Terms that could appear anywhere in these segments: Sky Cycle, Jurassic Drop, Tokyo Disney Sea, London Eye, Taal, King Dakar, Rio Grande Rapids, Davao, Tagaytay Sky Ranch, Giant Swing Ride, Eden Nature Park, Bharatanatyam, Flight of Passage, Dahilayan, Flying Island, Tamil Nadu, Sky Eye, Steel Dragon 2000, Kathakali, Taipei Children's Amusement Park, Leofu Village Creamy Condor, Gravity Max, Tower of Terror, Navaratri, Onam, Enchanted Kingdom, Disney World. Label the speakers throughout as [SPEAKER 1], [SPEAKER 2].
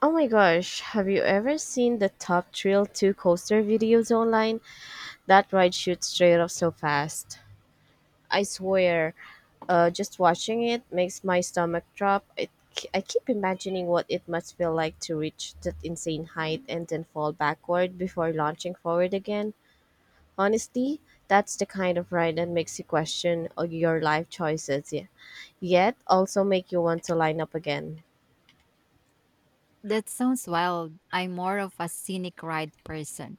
[SPEAKER 1] Oh my gosh, have you ever seen the Top Thrill 2 coaster videos online? That ride shoots straight up so fast. I swear, just watching it makes my stomach drop. I keep imagining what it must feel like to reach that insane height and then fall backward before launching forward again. Honestly, that's the kind of ride that makes you question all your life choices, yeah, yet also make you want to line up again.
[SPEAKER 2] That sounds wild. I'm more of a scenic ride person.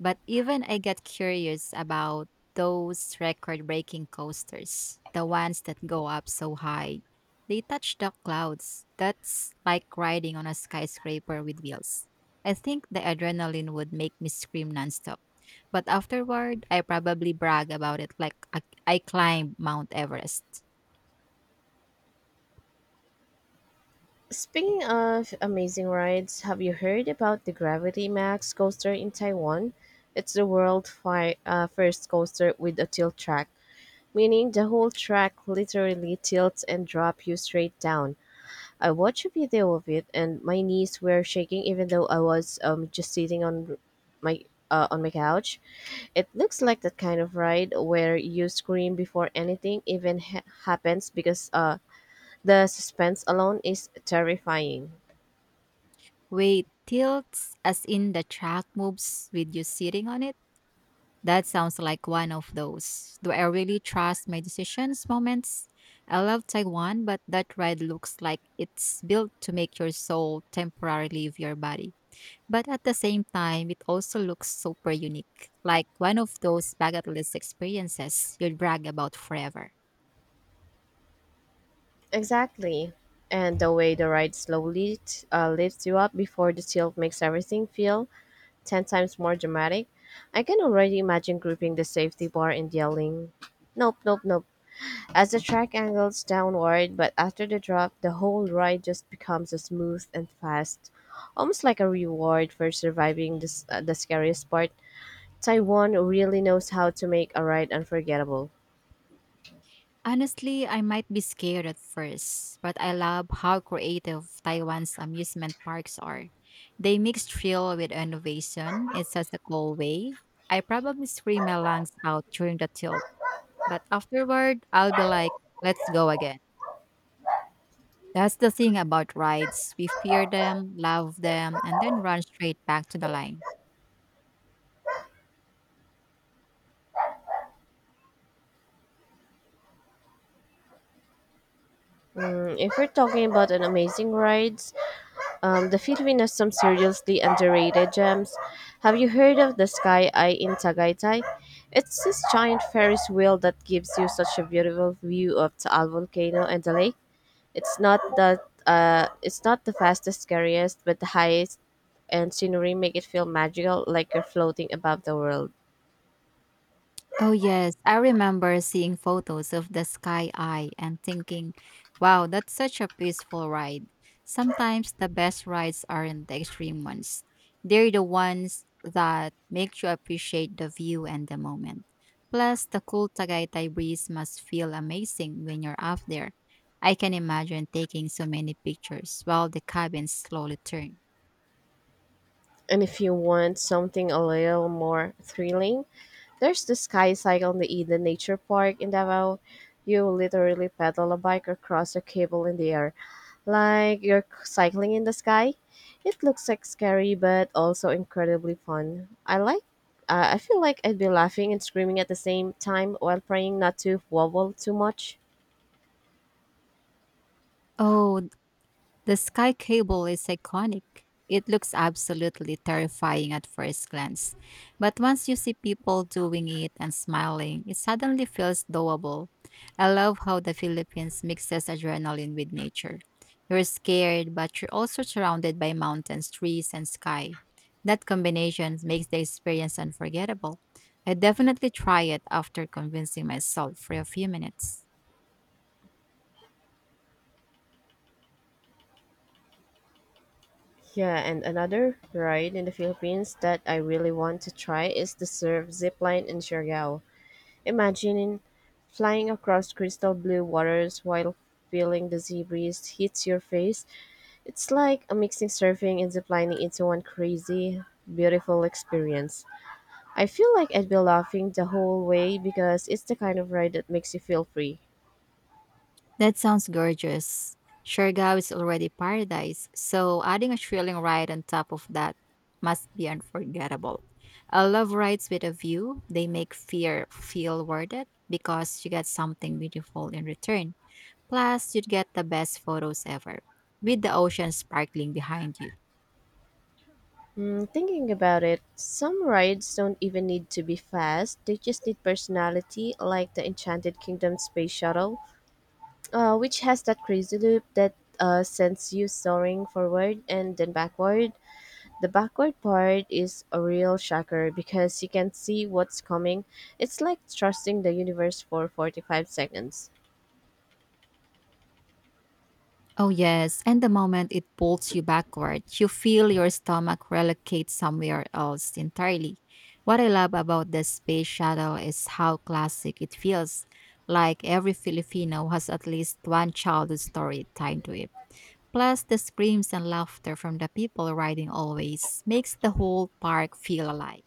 [SPEAKER 2] But even I get curious about those record breaking coasters, the ones that go up so high. They touch the clouds. That's like riding on a skyscraper with wheels. I think the adrenaline would make me scream nonstop. But afterward, I probably brag about it like I climbed Mount Everest.
[SPEAKER 1] Speaking of amazing rides, have you heard about the Gravity Max coaster in Taiwan? It's the world's first coaster with a tilt track, meaning the whole track literally tilts and drop you straight down. I watched a video of it, and my knees were shaking even though I was just sitting my on my couch. It looks like that kind of ride where you scream before anything even happens because the suspense alone is terrifying.
[SPEAKER 2] Wait, tilts as in the track moves with you sitting on it? That sounds like one of those. Do I really trust my decisions moments? I love Taiwan, but that ride looks like it's built to make your soul temporarily leave your body. But at the same time, it also looks super unique, like one of those bucket list experiences you'd brag about forever.
[SPEAKER 1] Exactly. And the way the ride slowly lifts you up before the tilt makes everything feel 10 times more dramatic. I can already imagine gripping the safety bar and yelling, "Nope, nope, nope," as the track angles downward, but after the drop, the whole ride just becomes a smooth and fast, almost like a reward for surviving the scariest part. Taiwan really knows how to make a ride unforgettable.
[SPEAKER 2] Honestly, I might be scared at first, but I love how creative Taiwan's amusement parks are. They mix thrill with innovation in such a cool way. I probably scream my lungs out during the tilt, but afterward, I'll be like, let's go again. That's the thing about rides. We fear them, love them, and then run straight back to the line.
[SPEAKER 1] If we're talking about an amazing ride, the Philippines has some seriously underrated gems. Have you heard of the Sky Eye in Tagaytay? It's this giant Ferris wheel that gives you such a beautiful view of Taal volcano and the lake. It's not the fastest, scariest, but the highest and scenery make it feel magical, like you're floating above the world.
[SPEAKER 2] Oh, yes. I remember seeing photos of the sky eye and thinking, wow, that's such a peaceful ride. Sometimes the best rides aren't the extreme ones, they're the ones that make you appreciate the view and the moment. Plus, the cool Tagaytay breeze must feel amazing when you're up there. I can imagine taking so many pictures while the cabins slowly turn.
[SPEAKER 1] And if you want something a little more thrilling, there's the Sky Cycle in the Eden Nature Park in Davao. You literally pedal a bike across a cable in the air, like you're cycling in the sky. It looks like scary, but also incredibly fun. I like. I feel like I'd be laughing and screaming at the same time while praying not to wobble too much.
[SPEAKER 2] Oh, the sky cable is iconic. It looks absolutely terrifying at first glance, but once you see people doing it and smiling, it suddenly feels doable. I love how the Philippines mixes adrenaline with nature. You're scared, but you're also surrounded by mountains, trees, and sky. That combination makes the experience unforgettable. I definitely try it after convincing myself for a few minutes.
[SPEAKER 1] Yeah, and another ride in the Philippines that I really want to try is the surf zip line in Siargao. Imagine flying across crystal blue waters while feeling the sea breeze hits your face. It's like a mixing surfing and ziplining into one crazy, beautiful experience. I feel like I'd be laughing the whole way because it's the kind of ride that makes you feel free.
[SPEAKER 2] That sounds gorgeous. Siargao is already paradise, so adding a thrilling ride on top of that must be unforgettable. I love rides with a view. They make fear feel worth it because you get something beautiful in return. Plus, you'd get the best photos ever with the ocean sparkling behind you.
[SPEAKER 1] Thinking about it, some rides don't even need to be fast. They just need personality, like the Enchanted Kingdom space shuttle, which has that crazy loop that sends you soaring forward and then backward. The backward part is a real shocker because you can see what's coming. It's like trusting the universe for 45 seconds.
[SPEAKER 2] Oh, yes. And the moment it pulls you backward, you feel your stomach relocate somewhere else entirely. What I love about the space shuttle is how classic it feels. Like every Filipino has at least one childhood story tied to it. Plus, the screams and laughter from the people riding always makes the whole park feel alive.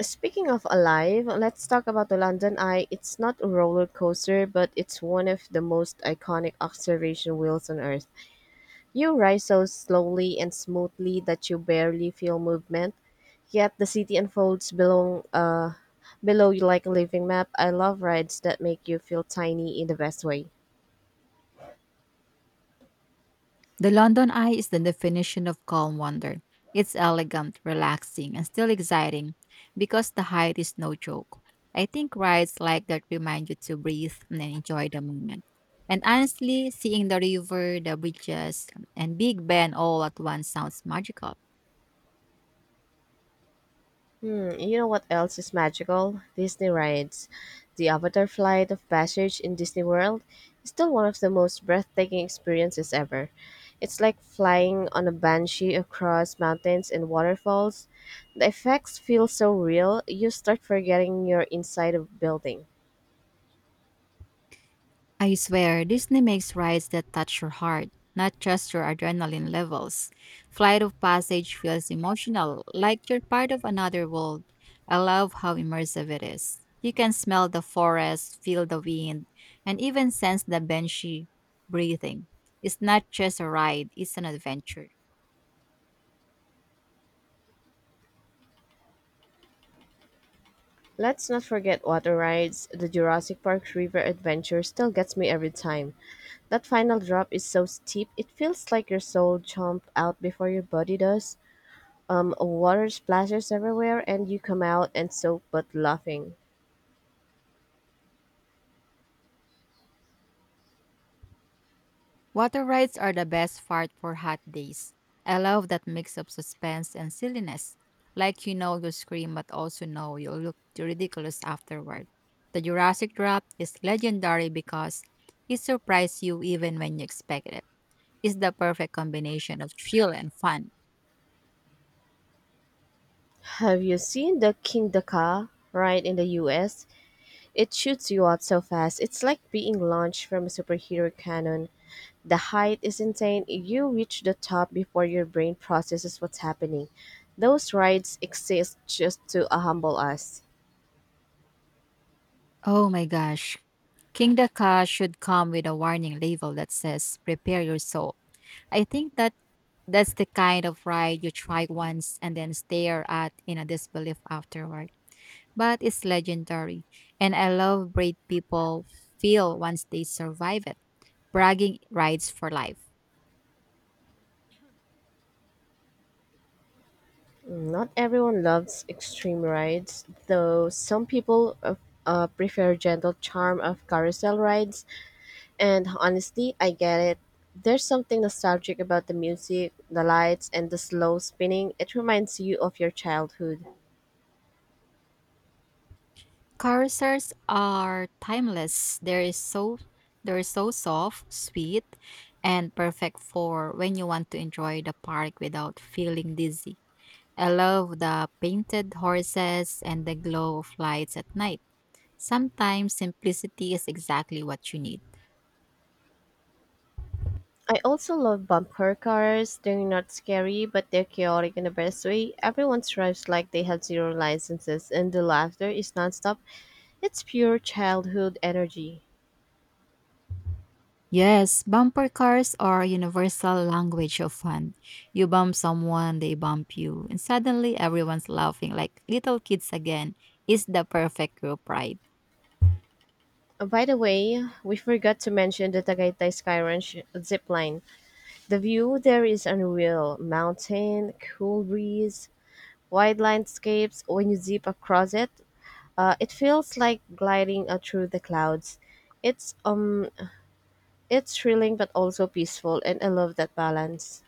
[SPEAKER 1] Speaking of alive, let's talk about the London Eye. It's not a roller coaster, but it's one of the most iconic observation wheels on Earth. You rise so slowly and smoothly that you barely feel movement, yet the city unfolds below you like a living map. I love rides that make you feel tiny in the best way.
[SPEAKER 2] The London Eye is the definition of calm wonder. It's elegant, relaxing, and still exciting because the height is no joke. I think rides like that remind you to breathe and enjoy the moment. And honestly, seeing the river, the beaches, and Big Ben all at once sounds magical.
[SPEAKER 1] Hmm, you know what else is magical? Disney rides. The Avatar Flight of Passage in Disney World is still one of the most breathtaking experiences ever. It's like flying on a banshee across mountains and waterfalls. The effects feel so real, you start forgetting you're inside a building.
[SPEAKER 2] I swear, Disney makes rides that touch your heart, not just your adrenaline levels. Flight of Passage feels emotional, like you're part of another world. I love how immersive it is. You can smell the forest, feel the wind, and even sense the banshee breathing. It's not just a ride, it's an adventure.
[SPEAKER 1] Let's not forget water rides. The Jurassic Park River Adventure still gets me every time. That final drop is so steep, it feels like your soul jumped out before your body does. Water splashes everywhere, and you come out and soak but laughing.
[SPEAKER 2] Water rides are the best part for hot days. I love that mix of suspense and silliness. Like you know you'll scream but also know you'll look ridiculous afterward. The Jurassic Drop is legendary because it surprises you even when you expect it. It's the perfect combination of thrill and fun.
[SPEAKER 1] Have you seen the King Dakar ride in the US? It shoots you out so fast. It's like being launched from a superhero cannon. The height is insane. You reach the top before your brain processes what's happening. Those rides exist just to humble us.
[SPEAKER 2] Oh my gosh. King Daka should come with a warning label that says prepare your soul. I think that That's the kind of ride you try once and then stare at in a disbelief afterward. But it's legendary, and I love brave people feel once they survive it. Bragging rides for life.
[SPEAKER 1] Not everyone loves extreme rides, though some people prefer gentle charm of carousel rides. And honestly, I get it. There's something nostalgic about the music, the lights, and the slow spinning. It reminds you of your childhood.
[SPEAKER 2] Carousels are timeless. There is so They're so soft, sweet, and perfect for when you want to enjoy the park without feeling dizzy. I love the painted horses and the glow of lights at night. Sometimes simplicity is exactly what you need.
[SPEAKER 1] I also love bumper cars. They're not scary, but they're chaotic in the best way. Everyone drives like they have zero licenses, and the laughter is nonstop. It's pure childhood energy.
[SPEAKER 2] Yes, bumper cars are a universal language of fun. You bump someone, they bump you, and suddenly everyone's laughing like little kids again. Is the perfect group ride.
[SPEAKER 1] By the way, we forgot to mention the Tagaytay Sky Ranch zip line. The view there is unreal. Mountain, cool breeze, wide landscapes. When you zip across it, it feels like gliding through the clouds. It's um, it's thrilling but also peaceful, and I love that balance.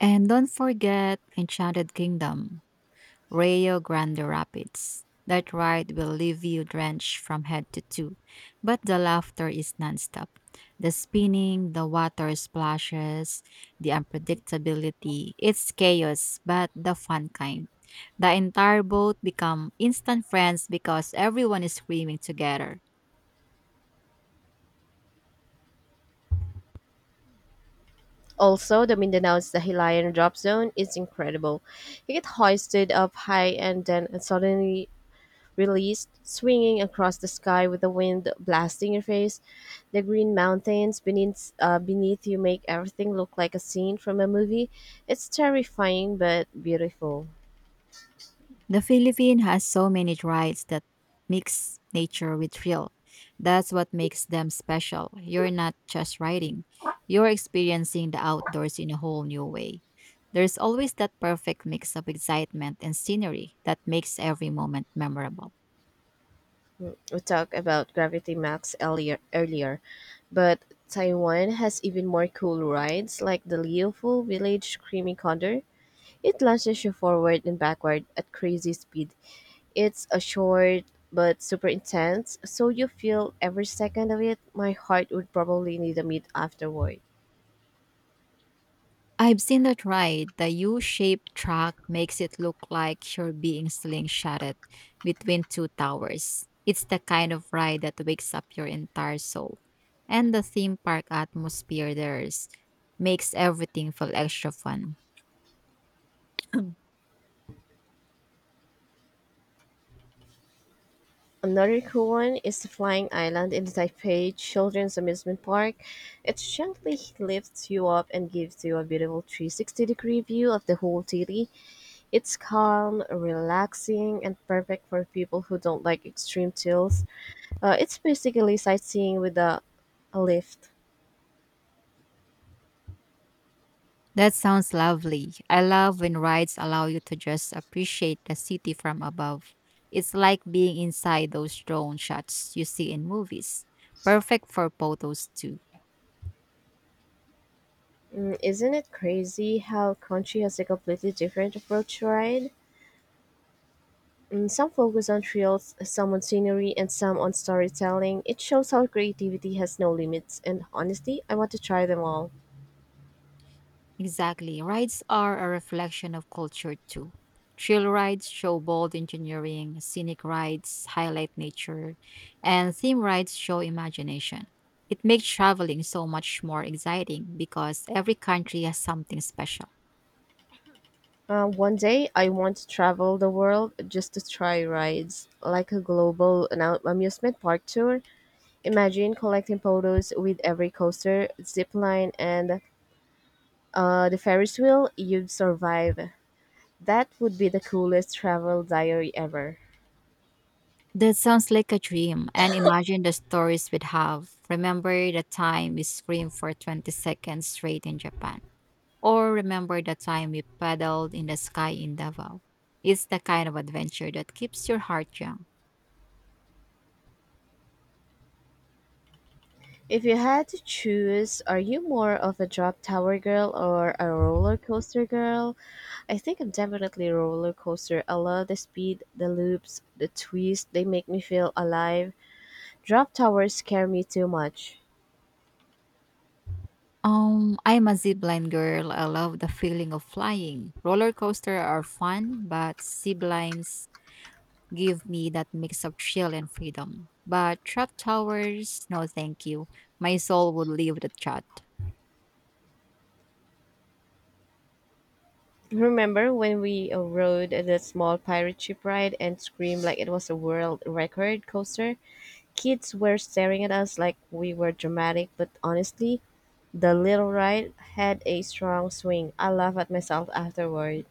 [SPEAKER 2] And don't forget Enchanted Kingdom. Rio Grande Rapids. That ride will leave you drenched from head to toe, but the laughter is nonstop. The spinning, the water splashes, the unpredictability. It's chaos, but the fun kind. The entire boat become instant friends because everyone is screaming together.
[SPEAKER 1] Also, the Mindanao's Dahilayan drop zone is incredible. You get hoisted up high and then suddenly released, swinging across the sky with the wind blasting your face. The green mountains beneath you make everything look like a scene from a movie. It's terrifying but beautiful.
[SPEAKER 2] The Philippines has so many rides that mix nature with thrill. That's what makes them special. You're not just riding, you're experiencing the outdoors in a whole new way. There's always that perfect mix of excitement and scenery that makes every moment memorable.
[SPEAKER 1] We talked about Gravity Max earlier, but Taiwan has even more cool rides like the Leofu Village Creamy Condor. It launches you forward and backward at crazy speed. It's a short but super intense, so you feel every second of it. My heart would probably need a meet afterward.
[SPEAKER 2] I've seen that ride. The U shaped track makes it look like you're being slingshotted between two towers. It's the kind of ride that wakes up your entire soul. And the theme park atmosphere there is, makes everything feel extra fun.
[SPEAKER 1] Another cool one is the Flying Island in the Taipei Children's Amusement Park. It gently lifts you up and gives you a beautiful 360-degree view of the whole city. It's calm, relaxing, and perfect for people who don't like extreme chills. It's basically sightseeing with a lift.
[SPEAKER 2] That sounds lovely. I love when rides allow you to just appreciate the city from above. It's like being inside those drone shots you see in movies. Perfect for photos too.
[SPEAKER 1] Isn't it crazy how country has a completely different approach to ride? Some focus on thrills, some on scenery, and some on storytelling. It shows how creativity has no limits, and honestly, I want to try them all.
[SPEAKER 2] Exactly. Rides are a reflection of culture too. Trail rides show bold engineering, scenic rides highlight nature, and theme rides show imagination. It makes traveling so much more exciting because every country has something special.
[SPEAKER 1] One day, I want to travel the world just to try rides, like a global amusement park tour. Imagine collecting photos with every coaster, zip line, and the Ferris wheel you'd survive. That would be the coolest travel diary ever.
[SPEAKER 2] That sounds like a dream, and imagine the stories we'd have. Remember the time we screamed for 20 seconds straight in Japan. Or remember the time we paddled in the sky in Davao. It's the kind of adventure that keeps your heart young.
[SPEAKER 1] If you had to choose, are you more of a drop tower girl or a roller coaster girl? I think I'm definitely a roller coaster. I love the speed, the loops, the twists. They make me feel alive. Drop towers scare me too much.
[SPEAKER 2] I'm a zipline girl. I love the feeling of flying. Roller coaster are fun, but ziplines give me that mix of thrill and freedom. But trap towers, no thank you. My soul would leave the chat.
[SPEAKER 1] Remember when we rode the small pirate ship ride and screamed like it was a world record coaster? Kids were staring at us like we were dramatic, but honestly, the little ride had a strong swing. I laugh at myself afterward.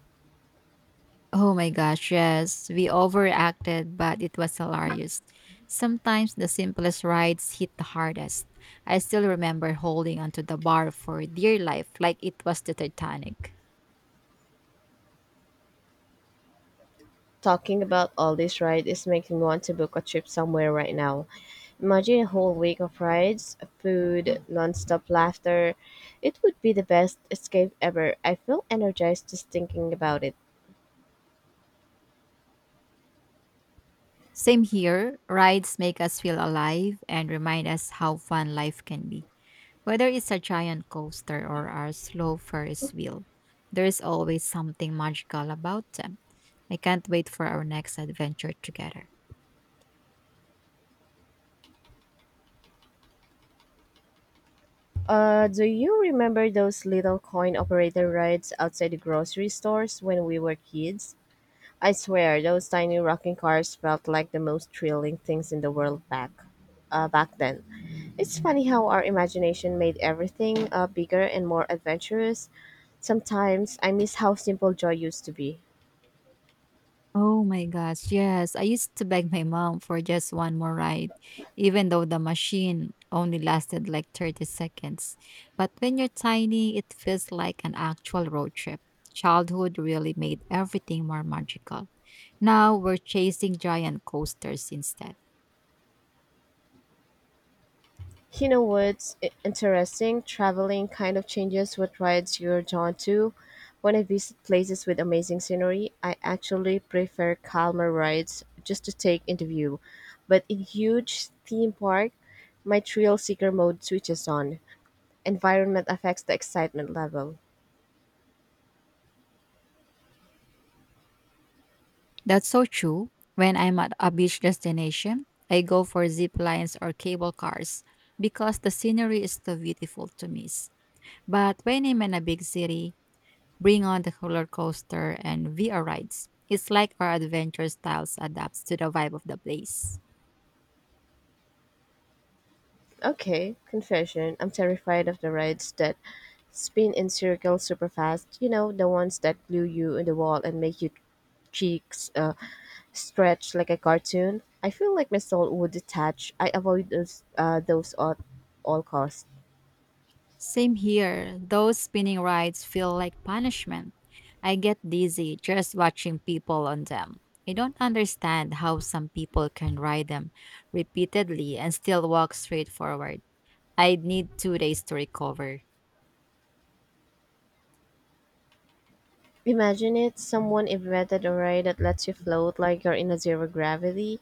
[SPEAKER 2] Oh my gosh, yes. We overacted, but it was hilarious. Sometimes the simplest rides hit the hardest. I still remember holding onto the bar for dear life like it was the Titanic.
[SPEAKER 1] Talking about all these rides is making me want to book a trip somewhere right now. Imagine a whole week of rides, food, nonstop laughter. It would be the best escape ever. I feel energized just thinking about it.
[SPEAKER 2] Same here, rides make us feel alive and remind us how fun life can be. Whether it's a giant coaster or our slow Ferris wheel, there is always something magical about them. I can't wait for our next adventure together.
[SPEAKER 1] Do you remember those little coin operator rides outside the grocery stores when we were kids? I swear, those tiny rocking cars felt like the most thrilling things in the world back then. It's funny how our imagination made everything bigger and more adventurous. Sometimes I miss how simple joy used to be.
[SPEAKER 2] Oh my gosh, yes. I used to beg my mom for just one more ride, even though the machine only lasted like 30 seconds. But when you're tiny, it feels like an actual road trip. Childhood really made everything more magical. Now we're chasing giant coasters instead.
[SPEAKER 1] You know what's interesting? Traveling kind of changes what rides you're drawn to. When I visit places with amazing scenery, I actually prefer calmer rides just to take in the view. But in huge theme park, my thrill seeker mode switches on. Environment affects the excitement level.
[SPEAKER 2] That's so true. When I'm at a beach destination, I go for zip lines or cable cars because the scenery is too beautiful to miss. But when I'm in a big city, bring on the roller coaster and VR rides. It's like our adventure styles adapts to the vibe of the place.
[SPEAKER 1] Okay, confession. I'm terrified of the rides that spin in circles super fast. You know, the ones that glue you in the wall and make your cheeks stretch like a cartoon. I feel like my soul would detach. I avoid those, those at all costs.
[SPEAKER 2] Same here. Those spinning rides feel like punishment. I get dizzy just watching people on them. I don't understand how some people can ride them repeatedly and still walk straight forward. I'd need 2 days to recover.
[SPEAKER 1] Imagine it, someone invented a ray that lets you float like you're in a zero gravity,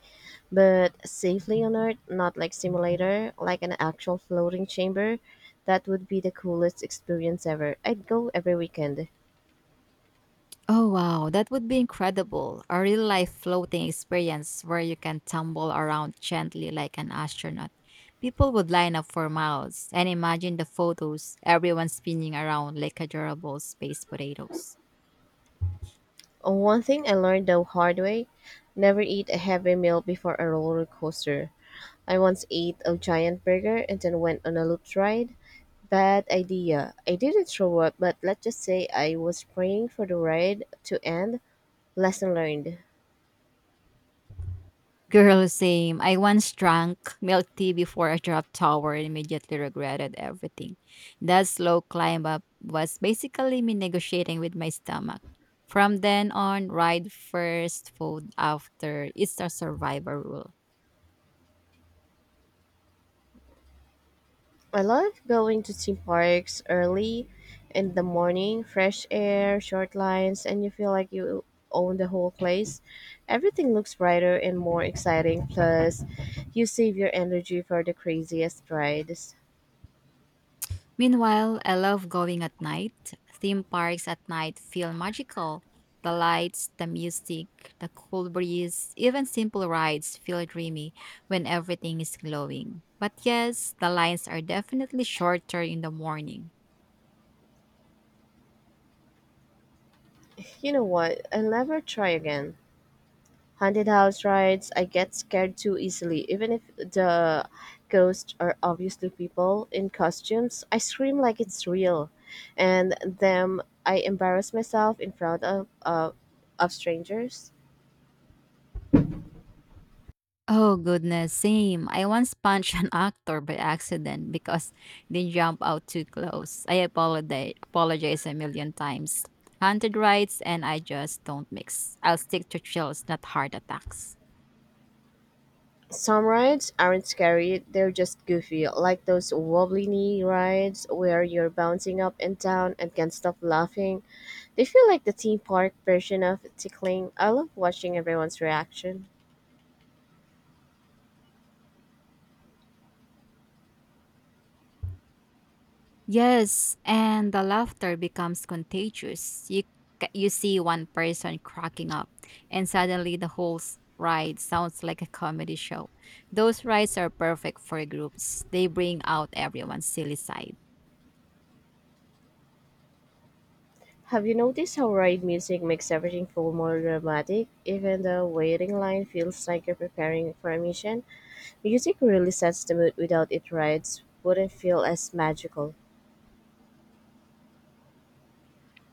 [SPEAKER 1] but safely on Earth, not like simulator, like an actual floating chamber. That would be the coolest experience ever. I'd go every weekend.
[SPEAKER 2] Oh wow, that would be incredible. A real life floating experience where you can tumble around gently like an astronaut. People would line up for miles and imagine the photos, everyone spinning around like adorable space potatoes.
[SPEAKER 1] One thing I learned the hard way, never eat a heavy meal before a roller coaster. I once ate a giant burger and then went on a loop ride. Bad idea. I didn't throw up, but let's just say I was praying for the ride to end. Lesson learned.
[SPEAKER 2] Girl, same. I once drank milk tea before a drop tower and immediately regretted everything. That slow climb up was basically me negotiating with my stomach. From then on, ride first, food after. It's a survivor rule.
[SPEAKER 1] I love going to theme parks early in the morning, fresh air, short lines, and you feel like you own the whole place. Everything looks brighter and more exciting, plus, you save your energy for the craziest rides.
[SPEAKER 2] Meanwhile, I love going at night. Theme parks at night feel magical. The lights, the music, the cool breeze, even simple rides feel dreamy when everything is glowing. But yes, the lines are definitely shorter in the morning.
[SPEAKER 1] You know what? I'll never try again. Haunted house rides, I get scared too easily. Even if the ghosts are obviously people in costumes, I scream like it's real. And then I embarrass myself in front of strangers.
[SPEAKER 2] Oh goodness, same. I once punched an actor by accident because they jumped out too close. Apologize a million times. Haunted rides and I just don't mix. I'll stick to chills, not heart attacks.
[SPEAKER 1] Some rides aren't scary, they're just goofy, like those wobbly knee rides where you're bouncing up and down and can't stop laughing. They feel like the theme park version of tickling. I love watching everyone's reaction.
[SPEAKER 2] Yes, and the laughter becomes contagious. You see one person cracking up, and suddenly the whole ride sounds like a comedy show. Those rides are perfect for groups. They bring out everyone's silly side.
[SPEAKER 1] Have you noticed how ride music makes everything feel more dramatic? Even the waiting line feels like you're preparing for a mission. Music really sets the mood. Without it, rides wouldn't feel as magical.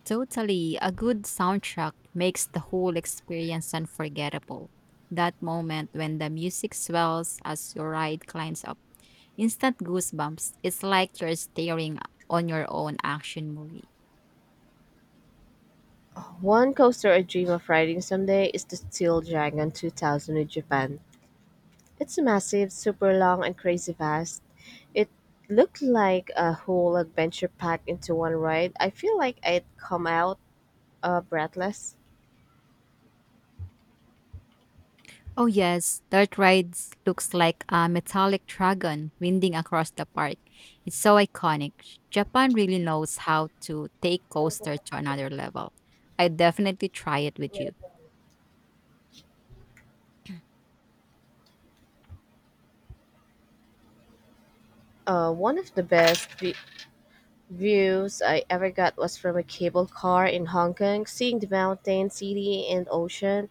[SPEAKER 2] Totally, a good soundtrack makes the whole experience unforgettable. That moment when the music swells as your ride climbs up, instant goosebumps. It's like you're staring on your own action movie.
[SPEAKER 1] One coaster I dream of riding someday is the Steel Dragon 2000 in Japan. It's massive, super long, and crazy fast. It looked like a whole adventure packed into one ride. I feel like I'd come out breathless.
[SPEAKER 2] Oh, yes, Dirt Rides looks like a metallic dragon winding across the park. It's so iconic. Japan really knows how to take coaster to another level. I definitely try it with you.
[SPEAKER 1] One of the best views I ever got was from a cable car in Hong Kong. Seeing the mountain, city, and ocean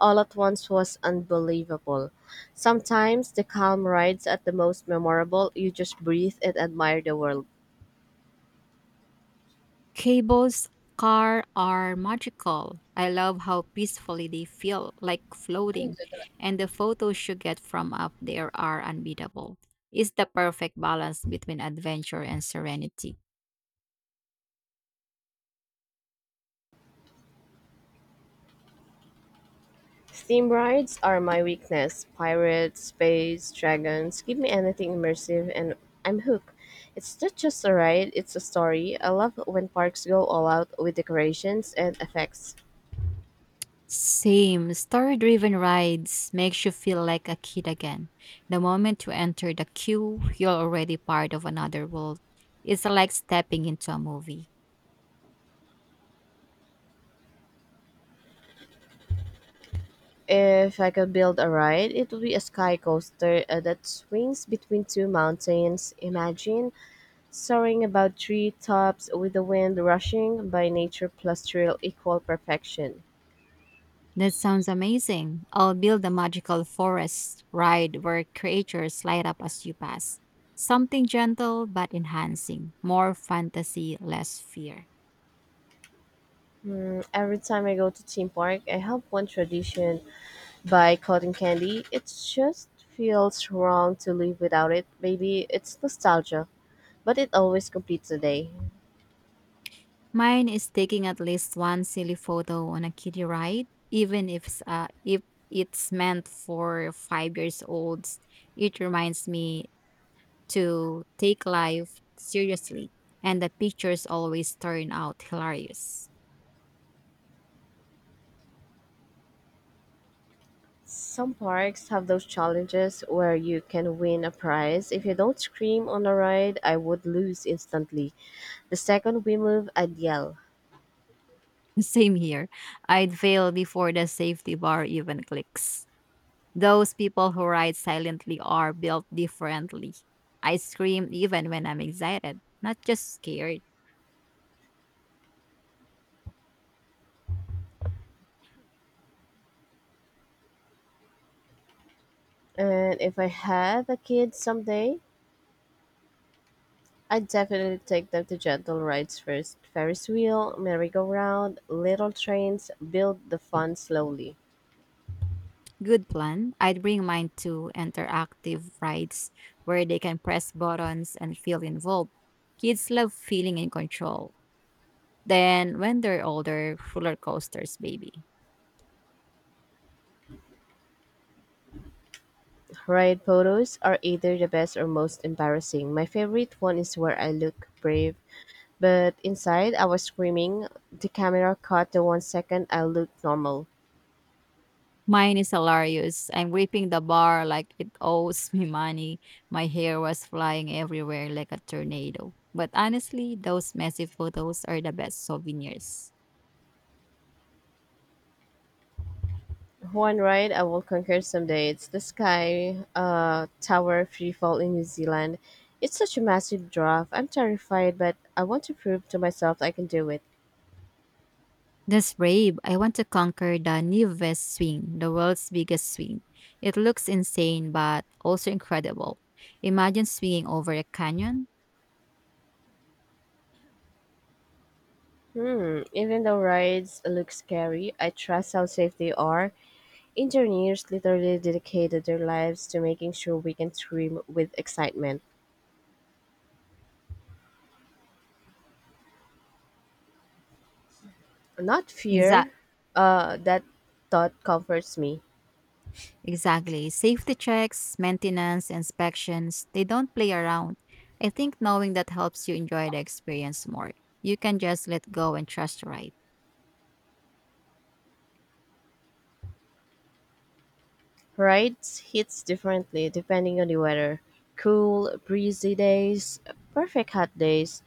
[SPEAKER 1] all at once was unbelievable. Sometimes the calm rides are the most memorable. You just breathe and admire the world.
[SPEAKER 2] Cable's car are magical. I love how peacefully they feel, like floating, and the photos you get from up there are unbeatable. It's the perfect balance between adventure and serenity.
[SPEAKER 1] Steam rides are my weakness. Pirates, space, dragons, give me anything immersive and I'm hooked. It's not just a ride, it's a story. I love when parks go all out with decorations and effects.
[SPEAKER 2] Same. Story-driven rides makes you feel like a kid again. The moment you enter the queue, you're already part of another world. It's like stepping into a movie.
[SPEAKER 1] If I could build a ride, it would be a sky coaster that swings between two mountains. Imagine soaring about tree tops with the wind rushing by, nature plus thrill equal perfection.
[SPEAKER 2] That sounds amazing. I'll build a magical forest ride where creatures light up as you pass. Something gentle but enhancing. More fantasy, less fear.
[SPEAKER 1] Hmm, every time I go to theme park, I help one tradition by cotton candy. It just feels wrong to live without it. Maybe it's nostalgia, but it always completes the day.
[SPEAKER 2] Mine is taking at least one silly photo on a kiddie ride, even if it's meant for 5 years olds. It reminds me to take life seriously, and the pictures always turn out hilarious.
[SPEAKER 1] Some parks have those challenges where you can win a prize. If you don't scream on a ride, I would lose instantly. The second we move, I'd yell.
[SPEAKER 2] Same here. I'd fail before the safety bar even clicks. Those people who ride silently are built differently. I scream even when I'm excited, not just scared.
[SPEAKER 1] And if I have a kid someday, I'd definitely take them to gentle rides first. Ferris wheel, merry-go-round, little trains, build the fun slowly.
[SPEAKER 2] Good plan. I'd bring mine to interactive rides where they can press buttons and feel involved. Kids love feeling in control. Then, when they're older, roller coasters, baby.
[SPEAKER 1] Ride photos are either the best or most embarrassing. My favorite one is where I look brave, but inside, I was screaming. The camera caught the 1 second I looked normal.
[SPEAKER 2] Mine is hilarious. I'm gripping the bar like it owes me money. My hair was flying everywhere like a tornado. But honestly, those messy photos are the best souvenirs.
[SPEAKER 1] One ride I will conquer someday. It's the Sky Tower freefall in New Zealand. It's such a massive drop. I'm terrified, but I want to prove to myself I can do it.
[SPEAKER 2] This brave. I want to conquer the Nives swing, the world's biggest swing. It looks insane, but also incredible. Imagine swinging over a canyon.
[SPEAKER 1] Hmm, even though rides look scary, I trust how safe they are. Engineers literally dedicated their lives to making sure we can scream with excitement, not
[SPEAKER 2] Exact.
[SPEAKER 1] fear. That thought comforts me.
[SPEAKER 2] Exactly. Safety checks, maintenance, inspections, they don't play around. I think knowing that helps you enjoy the experience more. You can just let go and trust the ride.
[SPEAKER 1] Rides hits differently depending on the weather: cool, breezy days, perfect; hot days,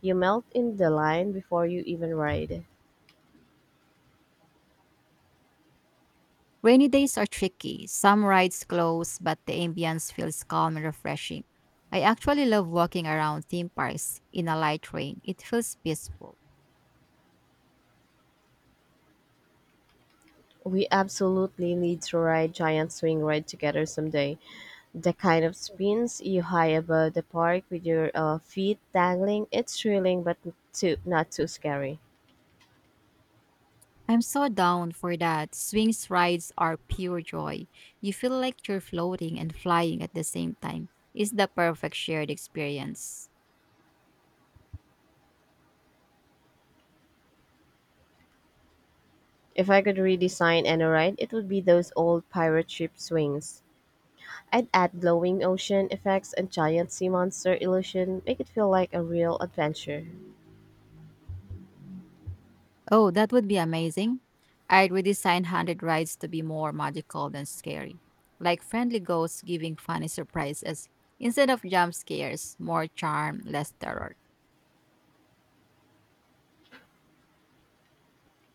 [SPEAKER 1] you melt in the line before you even ride.
[SPEAKER 2] Rainy days are tricky. Some rides close, but the ambience feels calm and refreshing. I actually love walking around theme parks in a light rain. It feels peaceful.
[SPEAKER 1] We absolutely need to ride Giant Swing Ride together someday. The kind of spins you high above the park with your feet dangling, it's thrilling but not too scary.
[SPEAKER 2] I'm so down for that. Swings rides are pure joy. You feel like you're floating and flying at the same time. It's the perfect shared experience.
[SPEAKER 1] If I could redesign any ride, it would be those old pirate ship swings. I'd add glowing ocean effects and giant sea monster illusion, make it feel like a real adventure.
[SPEAKER 2] Oh, that would be amazing. I'd redesign haunted rides to be more magical than scary, like friendly ghosts giving funny surprises. Instead of jump scares, more charm, less terror.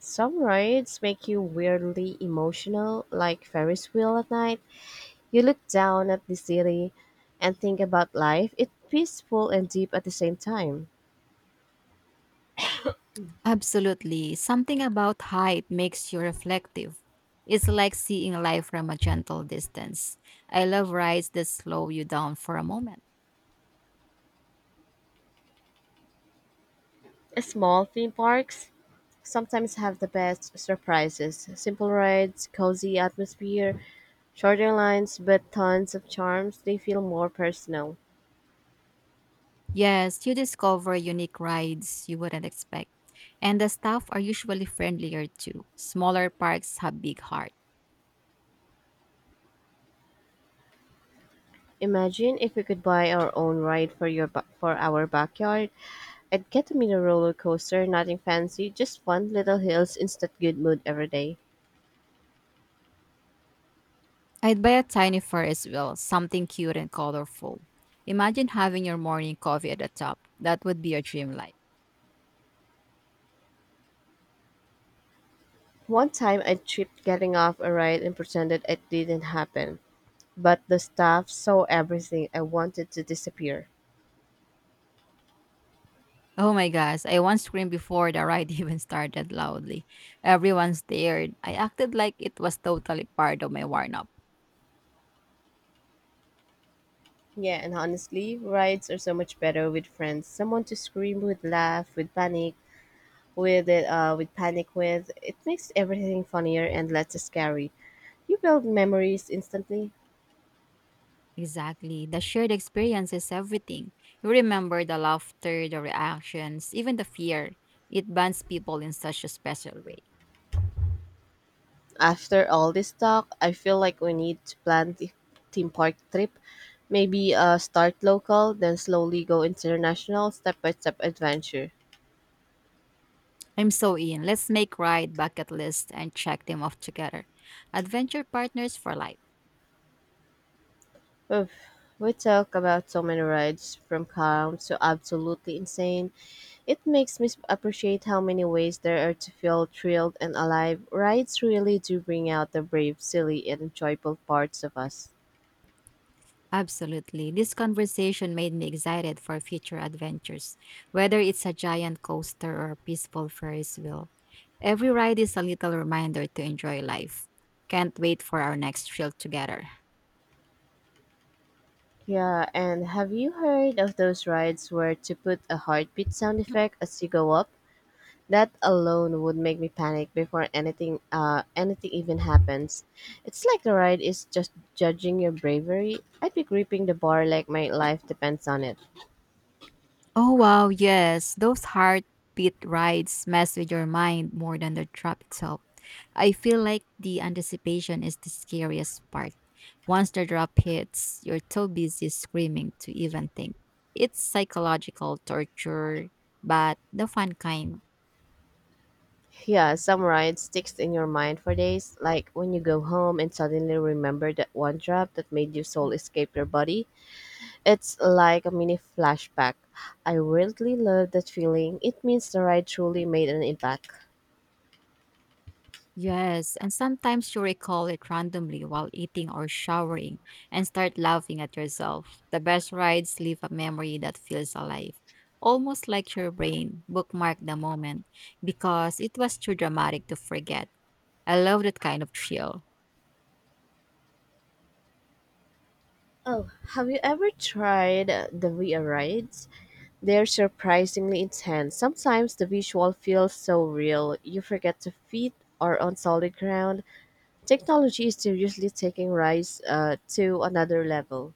[SPEAKER 1] Some rides make you weirdly emotional, like Ferris wheel at night. You look down at the city and think about life. It's peaceful and deep at the same time.
[SPEAKER 2] Absolutely. Something about height makes you reflective. It's like seeing life from a gentle distance. I love rides that slow you down for a moment.
[SPEAKER 1] Small theme parks sometimes have the best surprises. Simple rides, cozy atmosphere, shorter lines, but tons of charms. They feel more personal.
[SPEAKER 2] Yes, you discover unique rides you wouldn't expect. And the staff are usually friendlier too. Smaller parks have big hearts.
[SPEAKER 1] Imagine if we could buy our own ride for your for our backyard. I'd get to meet a roller coaster, nothing fancy, just fun, little hills, instant good mood every day.
[SPEAKER 2] I'd buy a tiny fur as well, something cute and colorful. Imagine having your morning coffee at the top. That would be your dream life.
[SPEAKER 1] One time I tripped getting off a ride and pretended it didn't happen. But the staff saw everything. I wanted to disappear.
[SPEAKER 2] Oh my gosh, I once screamed before the ride even started loudly. Everyone stared. I acted like it was totally part of my warm up.
[SPEAKER 1] Yeah, and honestly, rides are so much better with friends. Someone to scream with, laugh with, panic with it, with panic with. It makes everything funnier and less scary. You build memories instantly.
[SPEAKER 2] Exactly. The shared experience is everything. You remember the laughter, the reactions, even the fear. It bonds people in such a special way.
[SPEAKER 1] After all this talk, I feel like we need to plan the theme park trip. Maybe start local, then slowly go international, step by step adventure.
[SPEAKER 2] I'm so in. Let's make ride bucket list and check them off together. Adventure partners for life.
[SPEAKER 1] Oof. We talk about so many rides, from calm to absolutely insane. It makes me appreciate how many ways there are to feel thrilled and alive. Rides really do bring out the brave, silly, and joyful parts of us.
[SPEAKER 2] Absolutely. This conversation made me excited for future adventures, whether it's a giant coaster or a peaceful Ferris wheel. Every ride is a little reminder to enjoy life. Can't wait for our next thrill together.
[SPEAKER 1] Yeah, and have you heard of those rides where to put a heartbeat sound effect as you go up? That alone would make me panic before anything even happens. It's like the ride is just judging your bravery. I'd be gripping the bar like my life depends on it.
[SPEAKER 2] Oh, wow, yes. Those heartbeat rides mess with your mind more than the trap itself. I feel like the anticipation is the scariest part. Once the drop hits, you're too busy screaming to even think. It's psychological torture, but the fun kind.
[SPEAKER 1] Yeah, some ride sticks in your mind for days, like when you go home and suddenly remember that one drop that made your soul escape your body. It's like a mini flashback. I really love that feeling. It means the ride truly made an impact.
[SPEAKER 2] Yes, and sometimes you recall it randomly while eating or showering and start laughing at yourself. The best rides leave a memory that feels alive, almost like your brain bookmarked the moment because it was too dramatic to forget. I love that kind of thrill.
[SPEAKER 1] Oh, have you ever tried the VR rides? They're surprisingly intense. Sometimes the visual feels so real, you forget your feet are on solid ground. Technology is seriously taking rise to another level.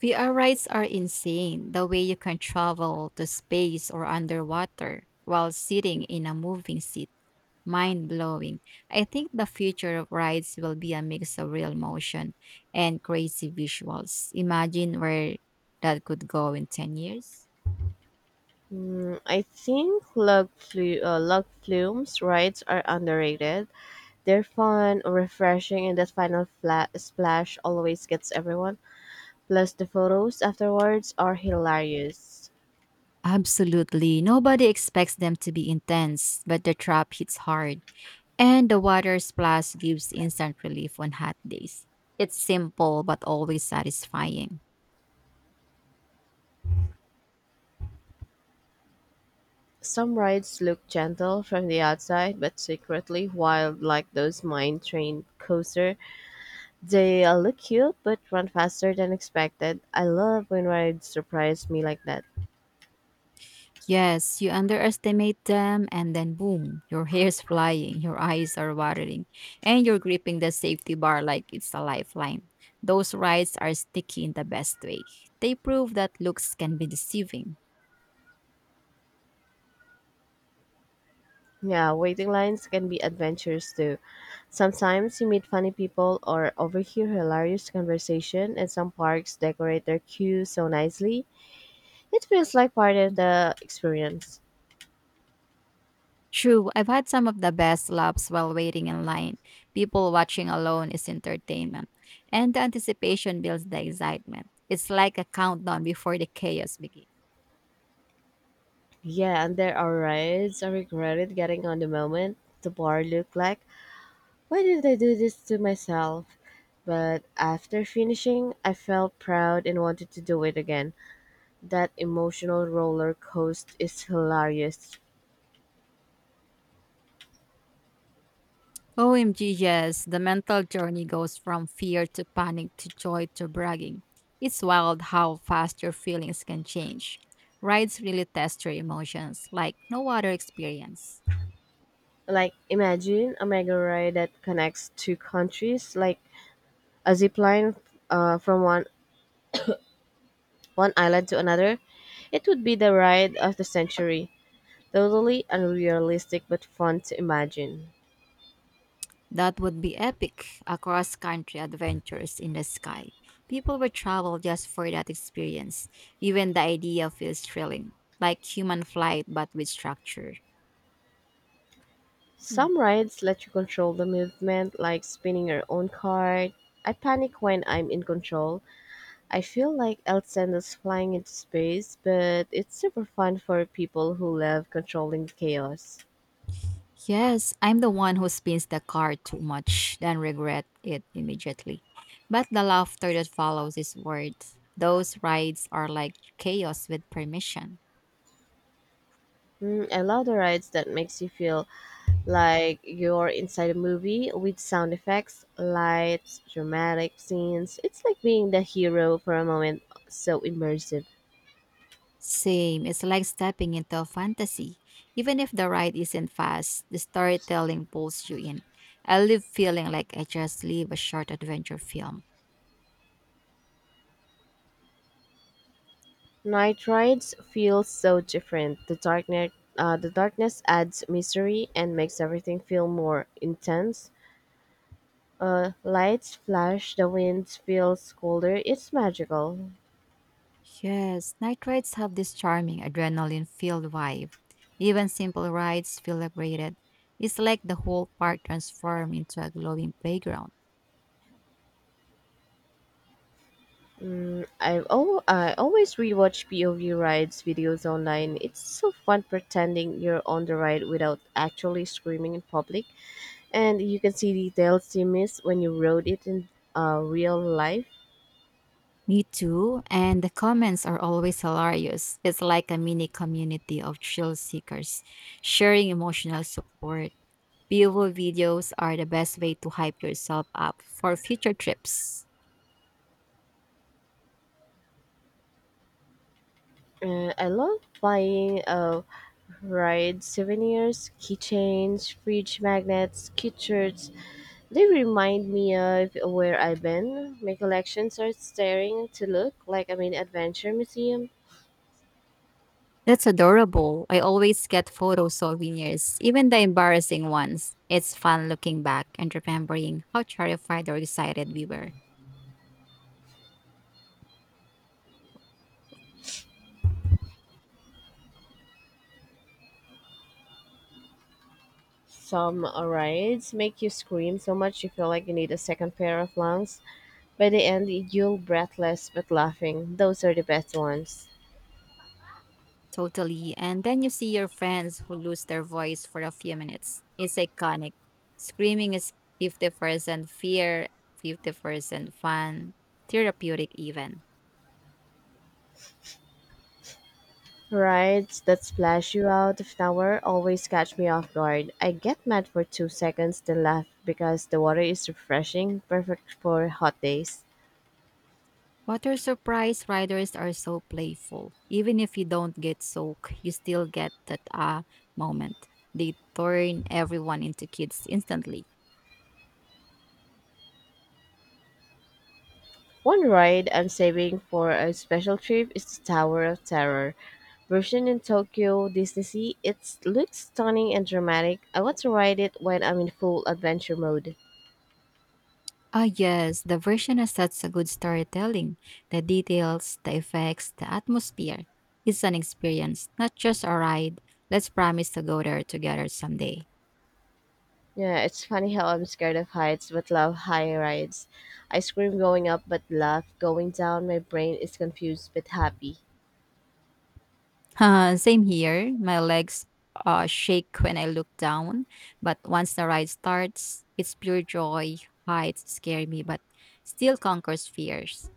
[SPEAKER 2] VR rides are insane the way you can travel to space or underwater while sitting in a moving seat. Mind blowing. I think the future of rides will be a mix of real motion and crazy visuals. Imagine where that could go in 10 years.
[SPEAKER 1] Mm, I think log flumes rides are underrated. They're fun, refreshing, and that final flat splash always gets everyone. Plus, the photos afterwards are hilarious.
[SPEAKER 2] Absolutely. Nobody expects them to be intense, but the trap hits hard. And the water splash gives instant relief on hot days. It's simple but always satisfying.
[SPEAKER 1] Some rides look gentle from the outside, but secretly wild like those mine train coaster. They look cute but run faster than expected. I love when rides surprise me like that.
[SPEAKER 2] Yes, you underestimate them, and then boom, your hair's flying, your eyes are watering, and you're gripping the safety bar like it's a lifeline. Those rides are sticky in the best way. They prove that looks can be deceiving.
[SPEAKER 1] Yeah, waiting lines can be adventures too. Sometimes you meet funny people or overhear hilarious conversation and some parks decorate their queues so nicely. It feels like part of the experience.
[SPEAKER 2] True, I've had some of the best laughs while waiting in line. People watching alone is entertainment, and the anticipation builds the excitement. It's like a countdown before the chaos begins.
[SPEAKER 1] Yeah, and there are rides I regretted getting on the moment the bar looked like, why did I do this to myself? But after finishing, I felt proud and wanted to do it again. That emotional roller coaster is hilarious.
[SPEAKER 2] OMG, yes. The mental journey goes from fear to panic to joy to bragging. It's wild how fast your feelings can change. Rides really test your emotions like no other experience.
[SPEAKER 1] Like, imagine a mega ride that connects two countries, like a zip line from one island to another. It would be the ride of the century. Totally unrealistic but fun to imagine.
[SPEAKER 2] That would be epic a cross country adventures in the sky. People would travel just for that experience. Even the idea feels thrilling, like human flight but with structure.
[SPEAKER 1] Some rides let you control the movement, like spinning your own cart. I panic when I'm in control. I feel like El Sendo's flying into space, but it's super fun for people who love controlling the chaos.
[SPEAKER 2] Yes, I'm the one who spins the car too much, then regret it immediately. But the laughter that follows is worth. Those rides are like chaos with permission.
[SPEAKER 1] Mm, I love the rides that makes you feel like you're inside a movie with sound effects, lights, dramatic scenes. It's like being the hero for a moment, so immersive.
[SPEAKER 2] Same, it's like stepping into a fantasy. Even if the ride isn't fast, the storytelling pulls you in. I live feeling like I just live a short adventure film.
[SPEAKER 1] Night Rides feels so different. The darkness adds mystery and makes everything feel more intense. Lights flash, the wind feels colder. It's magical.
[SPEAKER 2] Yes, night rides have this charming adrenaline filled vibe. Even simple rides feel upgraded. It's like the whole park transformed into a glowing playground.
[SPEAKER 1] Mm, I always rewatch POV rides videos online. It's so fun pretending you're on the ride without actually screaming in public, and you can see details you miss when you rode it in real life.
[SPEAKER 2] Me too, and the comments are always hilarious. It's like a mini community of thrill seekers sharing emotional support. POV videos are the best way to hype yourself up for future trips.
[SPEAKER 1] And I love buying Right, souvenirs, keychains, fridge magnets, cute shirts. They remind me of where I've been. My collections are staring to look like I'm in an adventure museum.
[SPEAKER 2] That's adorable. I always get photo souvenirs, even the embarrassing ones. It's fun looking back and remembering how terrified or excited we were.
[SPEAKER 1] Some rides make you scream so much you feel like you need a second pair of lungs. By the end, you'll breathless but laughing. Those are the best ones.
[SPEAKER 2] Totally. And then you see your friends who lose their voice for a few minutes. It's iconic. Screaming is 50% fear, 50% fun, therapeutic even.
[SPEAKER 1] Rides that splash you out of nowhere always catch me off guard. I get mad for 2 seconds, then laugh because the water is refreshing, perfect for hot days.
[SPEAKER 2] Water surprise riders are so playful. Even if you don't get soaked, you still get that ah moment. They turn everyone into kids instantly.
[SPEAKER 1] One ride I'm saving for a special trip is the Tower of Terror. Version in Tokyo Disney Sea, it looks stunning and dramatic. I want to ride it when I'm in full adventure mode.
[SPEAKER 2] Ah, yes, the version has such a good storytelling. The details, the effects, the atmosphere. It's an experience, not just a ride. Let's promise to go there together someday.
[SPEAKER 1] Yeah, it's funny how I'm scared of heights but love high rides. I scream going up but laugh going down. My brain is confused but happy.
[SPEAKER 2] Same here. My legs shake when I look down, but once the ride starts, it's pure joy. Heights scare me, but still conquers fears.